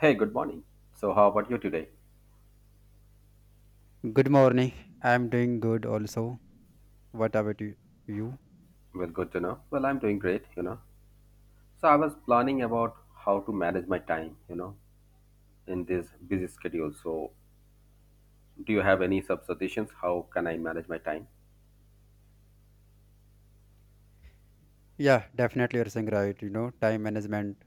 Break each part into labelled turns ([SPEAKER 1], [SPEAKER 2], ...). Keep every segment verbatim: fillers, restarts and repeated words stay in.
[SPEAKER 1] Hey, good morning. So, how about you today?
[SPEAKER 2] Good morning. I'm doing good also. What about you? You?
[SPEAKER 1] Well, good to know. Well, I'm doing great, you know. So, I was planning about how to manage my time, you know, in this busy schedule. So, do you have any sub suggestions? How can I manage my time?
[SPEAKER 2] Yeah, definitely you're saying right. You know, time management,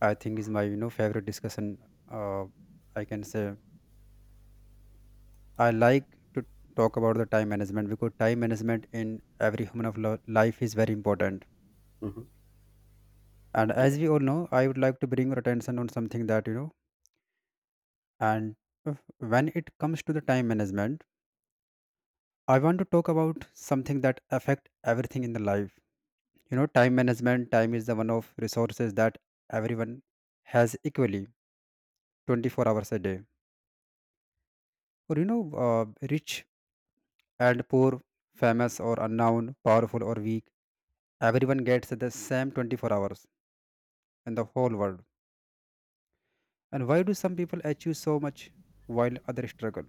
[SPEAKER 2] I think, is my, you know, favorite discussion. Uh, I can say I like to talk about the time management because time management in every human of lo- life is very important.
[SPEAKER 1] Hmm.
[SPEAKER 2] And as we all know, I would like to bring your attention on something that, you know, And if- when it comes to the time management, I want to talk about something that affect everything in the life. You know, time management, time is the one of resources that everyone has equally twenty-four hours a day. Or you know, uh, rich and poor, famous or unknown, powerful or weak, everyone gets the same twenty-four hours in the whole world. And why do some people achieve so much while others struggle?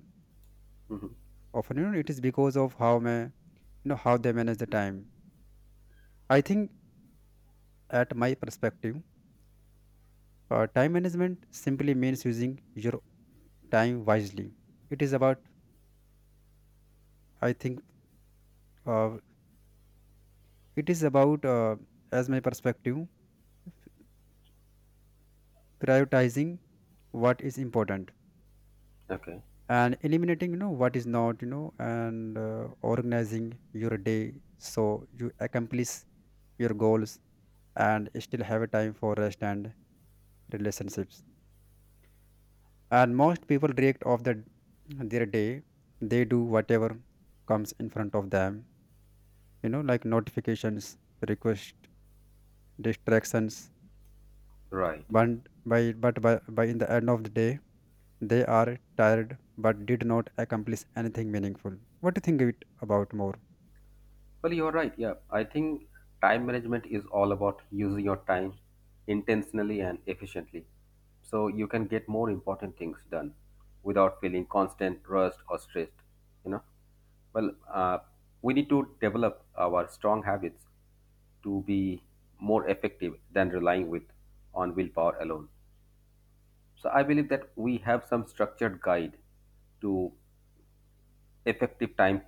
[SPEAKER 2] Often, you know, it is because of how may you know how they manage the time. I think at my perspective, uh, time management simply means using your time wisely. It is about, I think, uh, it is about, uh, as my perspective, prioritizing what is important,
[SPEAKER 1] Okay,
[SPEAKER 2] and eliminating, you know, what is not, you know, and uh, organizing your day so you accomplish your goals and still have a time for rest and relationships. And most people react off the their day. They do whatever comes in front of them, you know, like notifications, request, distractions,
[SPEAKER 1] right.
[SPEAKER 2] but by but by, by in the end of the day they are tired but did not accomplish anything meaningful. What do you think it about more?
[SPEAKER 1] Well, you're right. Yeah, I think time management is all about using your time intentionally and efficiently. So, you can get more important things done without feeling constant rust or stressed, you know. Well, uh, we need to develop our strong habits to be more effective than relying with on willpower alone. So I believe that we have some structured guide to effective time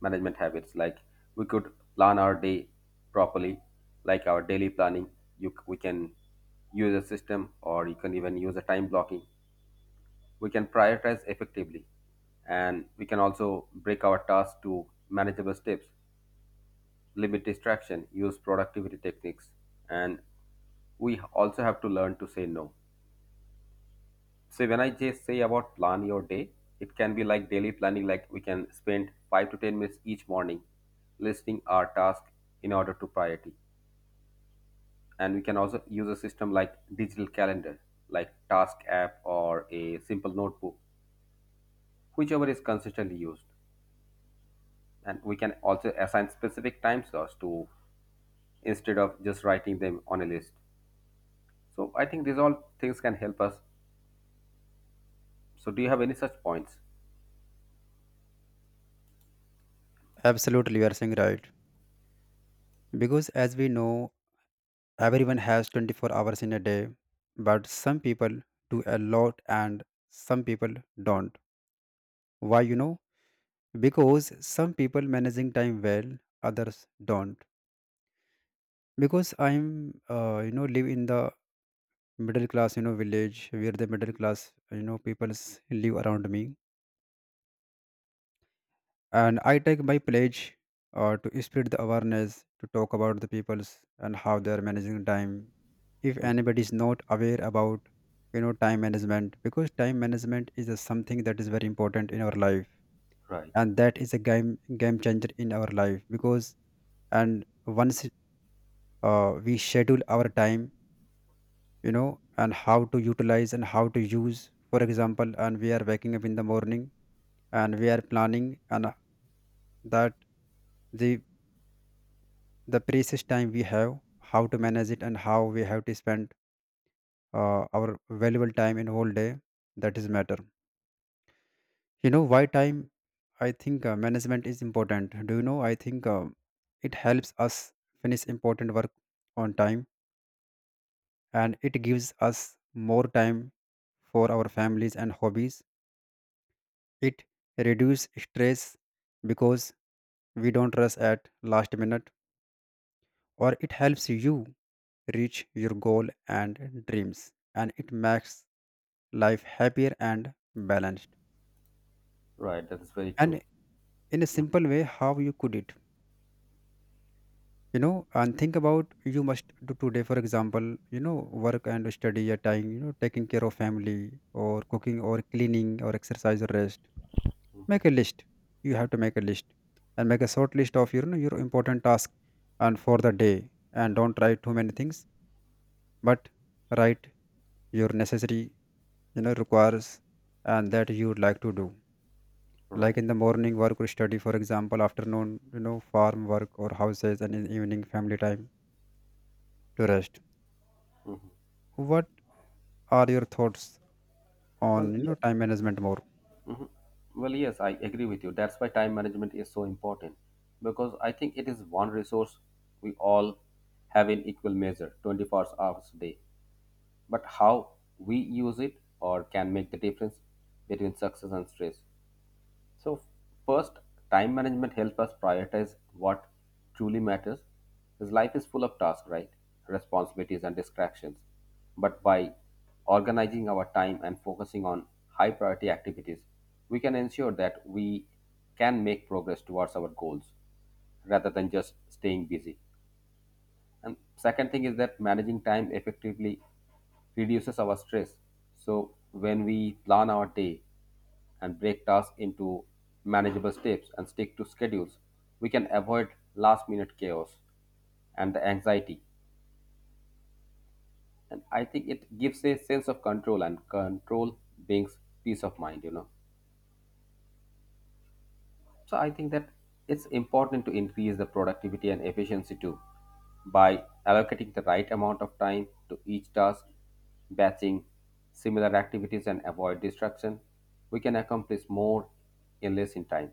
[SPEAKER 1] management habits. Like we could plan our day properly, like our daily planning. You, c- we can use a system, or you can even use a time blocking. We can prioritize effectively, and we can also break our tasks to manageable steps limit distraction, use productivity techniques, and we also have to learn to say no. So when I just say about plan your day, it can be like daily planning, like we can spend five to ten minutes each morning listing our task in order to priority. And we can also use a system like digital calendar, like task app or a simple notebook, whichever is consistently used. And we can also assign specific time slots to instead of just writing them on a list. So I think these all things can help us. So do you have any such points?
[SPEAKER 2] Absolutely, you are saying right, because as we know, everyone has twenty-four hours in a day, but some people do a lot and some people don't. Why? You know, because some people managing time well, others don't. Because I'm, uh, you know, live in the middle class, you know, village where the middle class, you know, peoples live around me. And I take my pledge, uh, to spread the awareness, to talk about the peoples and how they are managing time. If
[SPEAKER 1] Mm.
[SPEAKER 2] anybody is not aware about, you know, time management, because time management is a something that is very important in our life,
[SPEAKER 1] Right.
[SPEAKER 2] and that is a game game changer in our life. Because and once, uh, we schedule our time, you know, and how to utilize and how to use, for example, and we are waking up in the morning and we are planning and, uh, that the the precious time we have, how to manage it and how we have to spend, uh, our valuable time in whole day, that is matter. You know, why time, I think, uh, management is important? Do you know? I think uh, it helps us finish important work on time, and it gives us more time for our families and hobbies. It reduces stress because we don't rush at last minute, or it helps you reach your goal and dreams, and it makes life happier and balanced.
[SPEAKER 1] Right That is very true.
[SPEAKER 2] And in a
[SPEAKER 1] Mm.
[SPEAKER 2] simple way, how you could it, you know, and think about you must do today. For example, you know, work and study a time, you know, taking care of family, or cooking, or cleaning, or exercise, or rest. Make a list. You have to make a list and make a short list of your, you know, your important task and for the day. And don't write too many things, but write your necessary, you know, requires, and that you would like to do. Like
[SPEAKER 1] Right.
[SPEAKER 2] in the morning, work or study, for example, afternoon, you know, farm work or houses, and in evening, family time to rest.
[SPEAKER 1] Hmm.
[SPEAKER 2] What are your thoughts on,
[SPEAKER 1] Well,
[SPEAKER 2] you know,
[SPEAKER 1] yes.
[SPEAKER 2] time management more?
[SPEAKER 1] Hmm. Well, yes, I agree with you. That's why time management is so important because I think it is one resource we all have in equal measure, twenty-four hours a day. But how we use it or can make the difference between success and stress. So first, time management helps us prioritize what truly matters. Because life is full of tasks, right? Responsibilities and distractions. But by organizing our time and focusing on high priority activities, we can ensure that we can make progress towards our goals rather than just staying busy. And second thing is that managing time effectively reduces our stress. So when we plan our day, and break tasks into manageable steps and stick to schedules, we can avoid last minute chaos and the anxiety. And I think it gives a sense of control, and control brings peace of mind, you know. So I think that it's important to increase the productivity and efficiency too by allocating the right amount of time to each task, batching similar activities, and avoid distraction. We can accomplish more in less in time.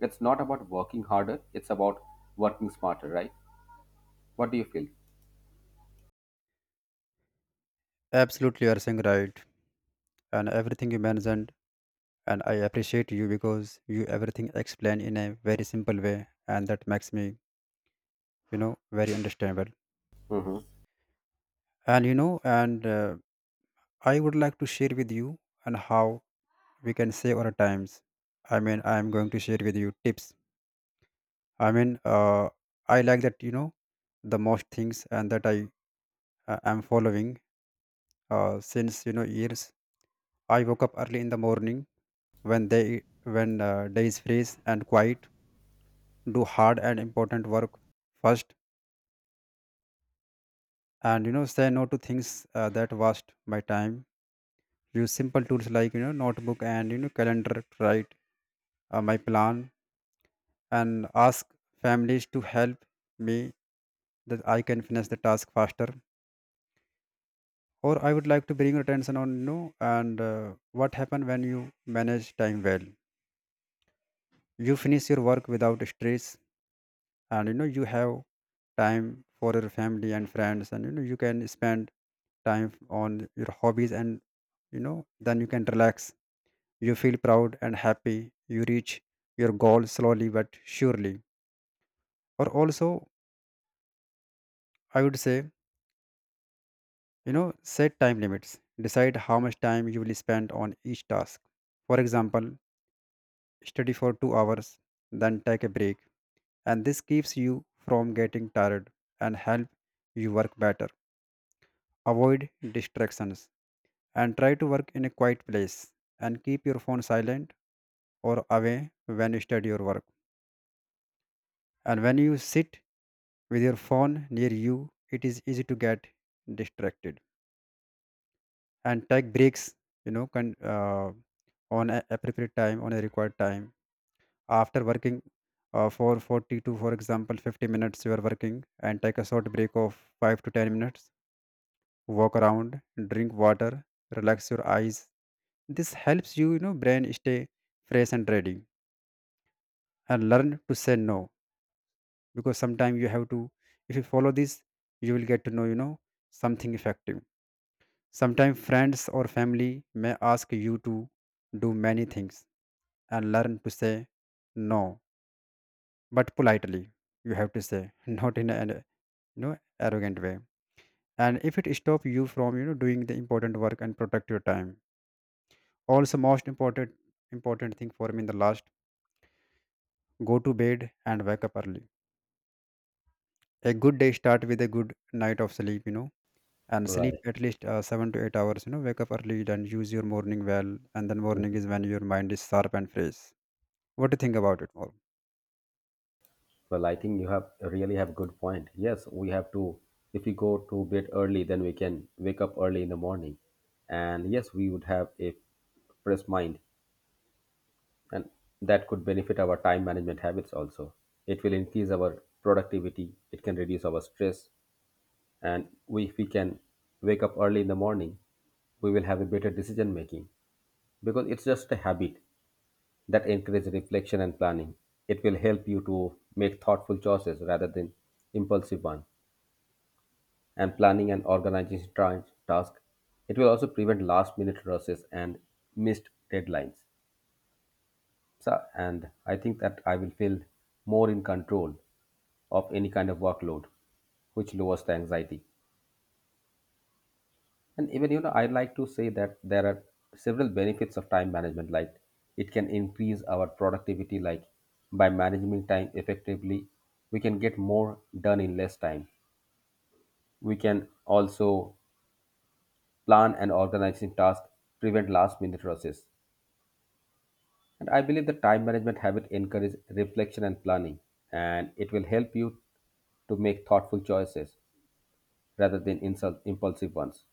[SPEAKER 1] It's not about working harder, it's about working smarter, right? What do you feel?
[SPEAKER 2] Absolutely, you are saying right. And everything you mentioned, and I appreciate you, because you everything explain in a very simple way, and that makes me, you know, very understandable.
[SPEAKER 1] Hmm.
[SPEAKER 2] And you know, and uh, I would like to share with you, and how we can save our times. I mean, I am going to share with you tips. I mean, uh, I like that, you know, the most things, and that I, uh, am following, uh, since, you know, years. I woke up early in the morning, when they, when, uh, day is freeze and quiet, do hard and important work first. And you know, say no to things, uh, that waste my time. Use simple tools like, you know, notebook and, you know, calendar to write, uh, my plan. And ask families to help me that I can finish the task faster. Or I would like to bring your attention on, you know, and, uh, what happen when you manage time well? You finish your work without stress, and you know, you have time for your family and friends, and you know, you can spend time on your hobbies, and you know, then you can relax. You feel proud and happy. You reach your goal slowly but surely. Or also, I would say, you know, set time limits. Decide how much time you will spend on each task. For example, study for two hours, then take a break. And this keeps you from getting tired and help you work better. Avoid distractions and try to work in a quiet place, and keep your phone silent or away when you study your work. And when you sit with your phone near you, it is easy to get distracted. And take breaks, you know, can, uh, on a appropriate time, on a required time. After working uh, for forty to, for example, fifty minutes, you are working, and take a short break of five to ten minutes. Walk around, drink water, relax your eyes. This helps you, you know, brain stay fresh and ready. And learn to say no, because sometimes you have to. If you follow this, you will get to know, you know, something effective. Sometimes friends or family may ask you to do many things, and learn to say no, but politely. You have to say not in an, you know, arrogant way. And if it stop you from, you know, doing the important work, and protect your time. Also most important important thing for me in the last, go to bed and wake up early. A good day start with a good night of sleep, you know. And sleep
[SPEAKER 1] Right.
[SPEAKER 2] at least uh, seven to eight hours, you know. Wake up early and use your morning well. And then morning
[SPEAKER 1] Mhm.
[SPEAKER 2] is when your mind is sharp and fresh. What do you think about it more?
[SPEAKER 1] Well, I think you have really have good point. Yes, we have to. If we go to bed early, then we can wake up early in the morning, and yes, we would have a fresh mind, and that could benefit our time management habits also. It will increase our productivity. It can reduce our stress, and we, if we can wake up early in the morning, we will have a better decision making because it's just a habit that encourage reflection and planning. It will help you to make thoughtful choices rather than impulsive ones. And planning and organizing tra- tasks, it will also prevent last minute rushes and missed deadlines. So, and I think that I will feel more in control of any kind of workload, which lowers the anxiety. And even, you know, I'd like to say that there are several benefits of time management, like it can increase our productivity, like by managing time effectively, we can get more done in less time. We can also plan and organizing tasks, prevent last minute rushes. And I believe the time management habit encourages reflection and planning, and it will help you to make thoughtful choices rather than insult impulsive ones.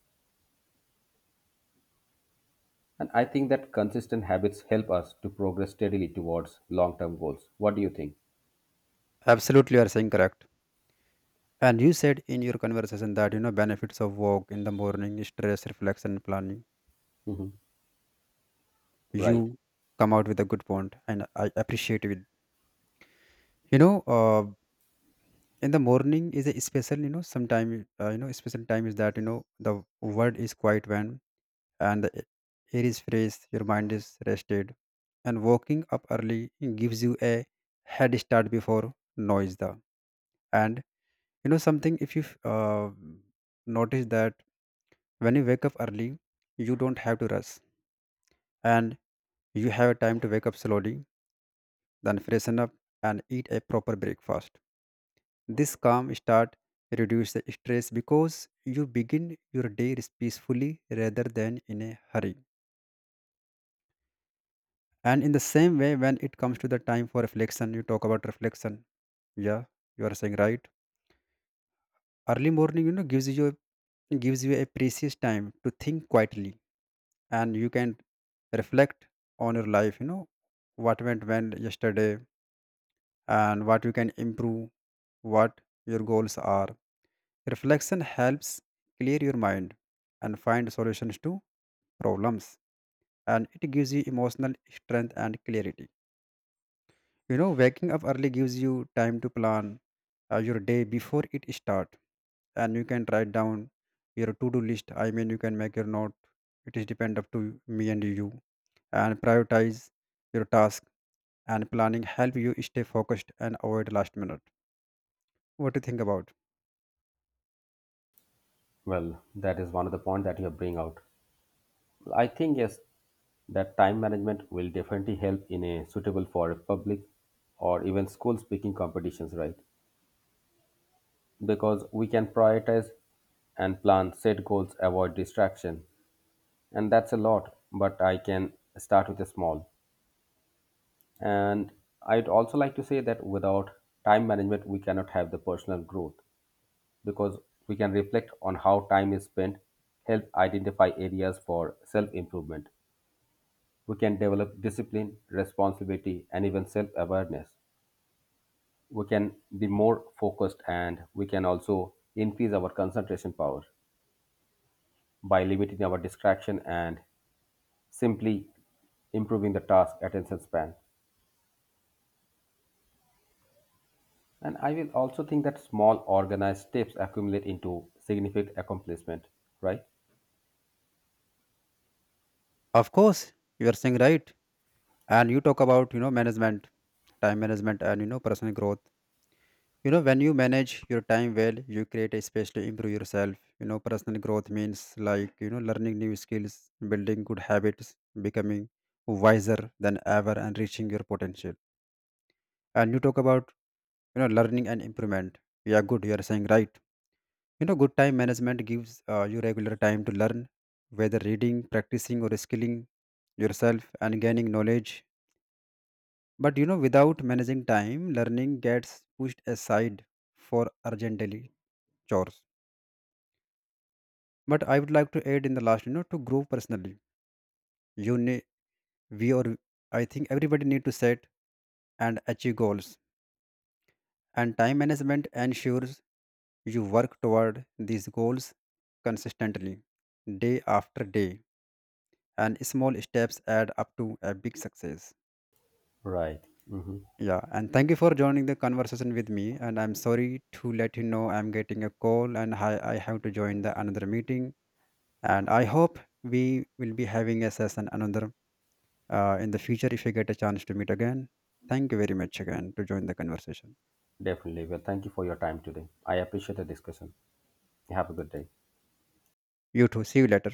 [SPEAKER 1] And I think that consistent habits help us to progress steadily towards long term goals. What do you think?
[SPEAKER 2] Absolutely, you are saying correct. And you said in your conversation that, you know, benefits of walk in the morning, stress, reflection and planning.
[SPEAKER 1] Hmm. Right.
[SPEAKER 2] You come out with a good point, and I appreciate it. You know, uh, in the morning is a special, you know, sometime, uh, you know, special time is that, you know, the world is quiet when, and the air is fresh, your mind is rested. And waking up early gives you a head start before noise the. And you know something, if you, uh, notice that when you wake up early, you don't have to rush, and you have time to wake up slowly, then freshen up, and eat a proper breakfast. This calm start reduce the stress, because you begin your day peacefully rather than in a hurry. And in the same way, when it comes to the time for reflection, you talk about reflection. Yeah, you are saying right. Early morning, you know, gives you gives you a precious time to think quietly, and you can reflect on your life. You know, what went well yesterday, and what you can improve, what your goals are. Reflection helps clear your mind and find solutions to problems, and it gives you emotional strength and clarity. You know, waking up early gives you time to plan uh, your day before it start, and you can write down your to-do list. I mean, you can make your note. It is depend up to me and you, and prioritize your task, and planning help you stay focused and avoid last minute. What do you think about?
[SPEAKER 1] Well, that is one of the points that you bring out. I think, yes, that time management will definitely help in a suitable for a public or even school speaking competitions, right? Because we can prioritize and plan, set goals, avoid distraction. And that's a lot, but I can start with a small. And I'd also like to say that without time management, we cannot have the personal growth because we can reflect on how time is spent, help identify areas for self improvement. We can develop discipline, responsibility, and even self awareness. We can be more focused and we can also increase our concentration power by limiting our distraction and simply improving the task attention span. And I will also think that small organized steps accumulate into significant accomplishment, right?
[SPEAKER 2] Of course, you are saying right, and you talk about, you know, management, time management, and you know, personal growth. You know, when you manage your time well, you create a space to improve yourself. You know, personal growth means, like, you know, learning new skills, building good habits, becoming wiser than ever, and reaching your potential. And you talk about, you know, learning and improvement. Yeah, good, you are saying right. You know, good time management gives, uh, you regular time to learn, whether reading, practicing, or skilling yourself, and gaining knowledge. But you know, without managing time, learning gets pushed aside for urgent daily chores. But I would like to add in the last, you know, to grow personally, you need, we, or I think everybody need to set and achieve goals. And time management ensures you work toward these goals consistently, day after day, and small steps add up to a big success.
[SPEAKER 1] Right. Hmm.
[SPEAKER 2] Yeah, and thank you for joining the conversation with me. And I'm sorry to let you know, I'm getting a call, and i, I have to join the another meeting. And I hope we will be having a session another, Uh, in the future, if you get a chance to meet again. Thank you very much again to join the conversation.
[SPEAKER 1] Definitely. Well, thank you for your time today. I appreciate the discussion. Have a good day.
[SPEAKER 2] You too. See you later.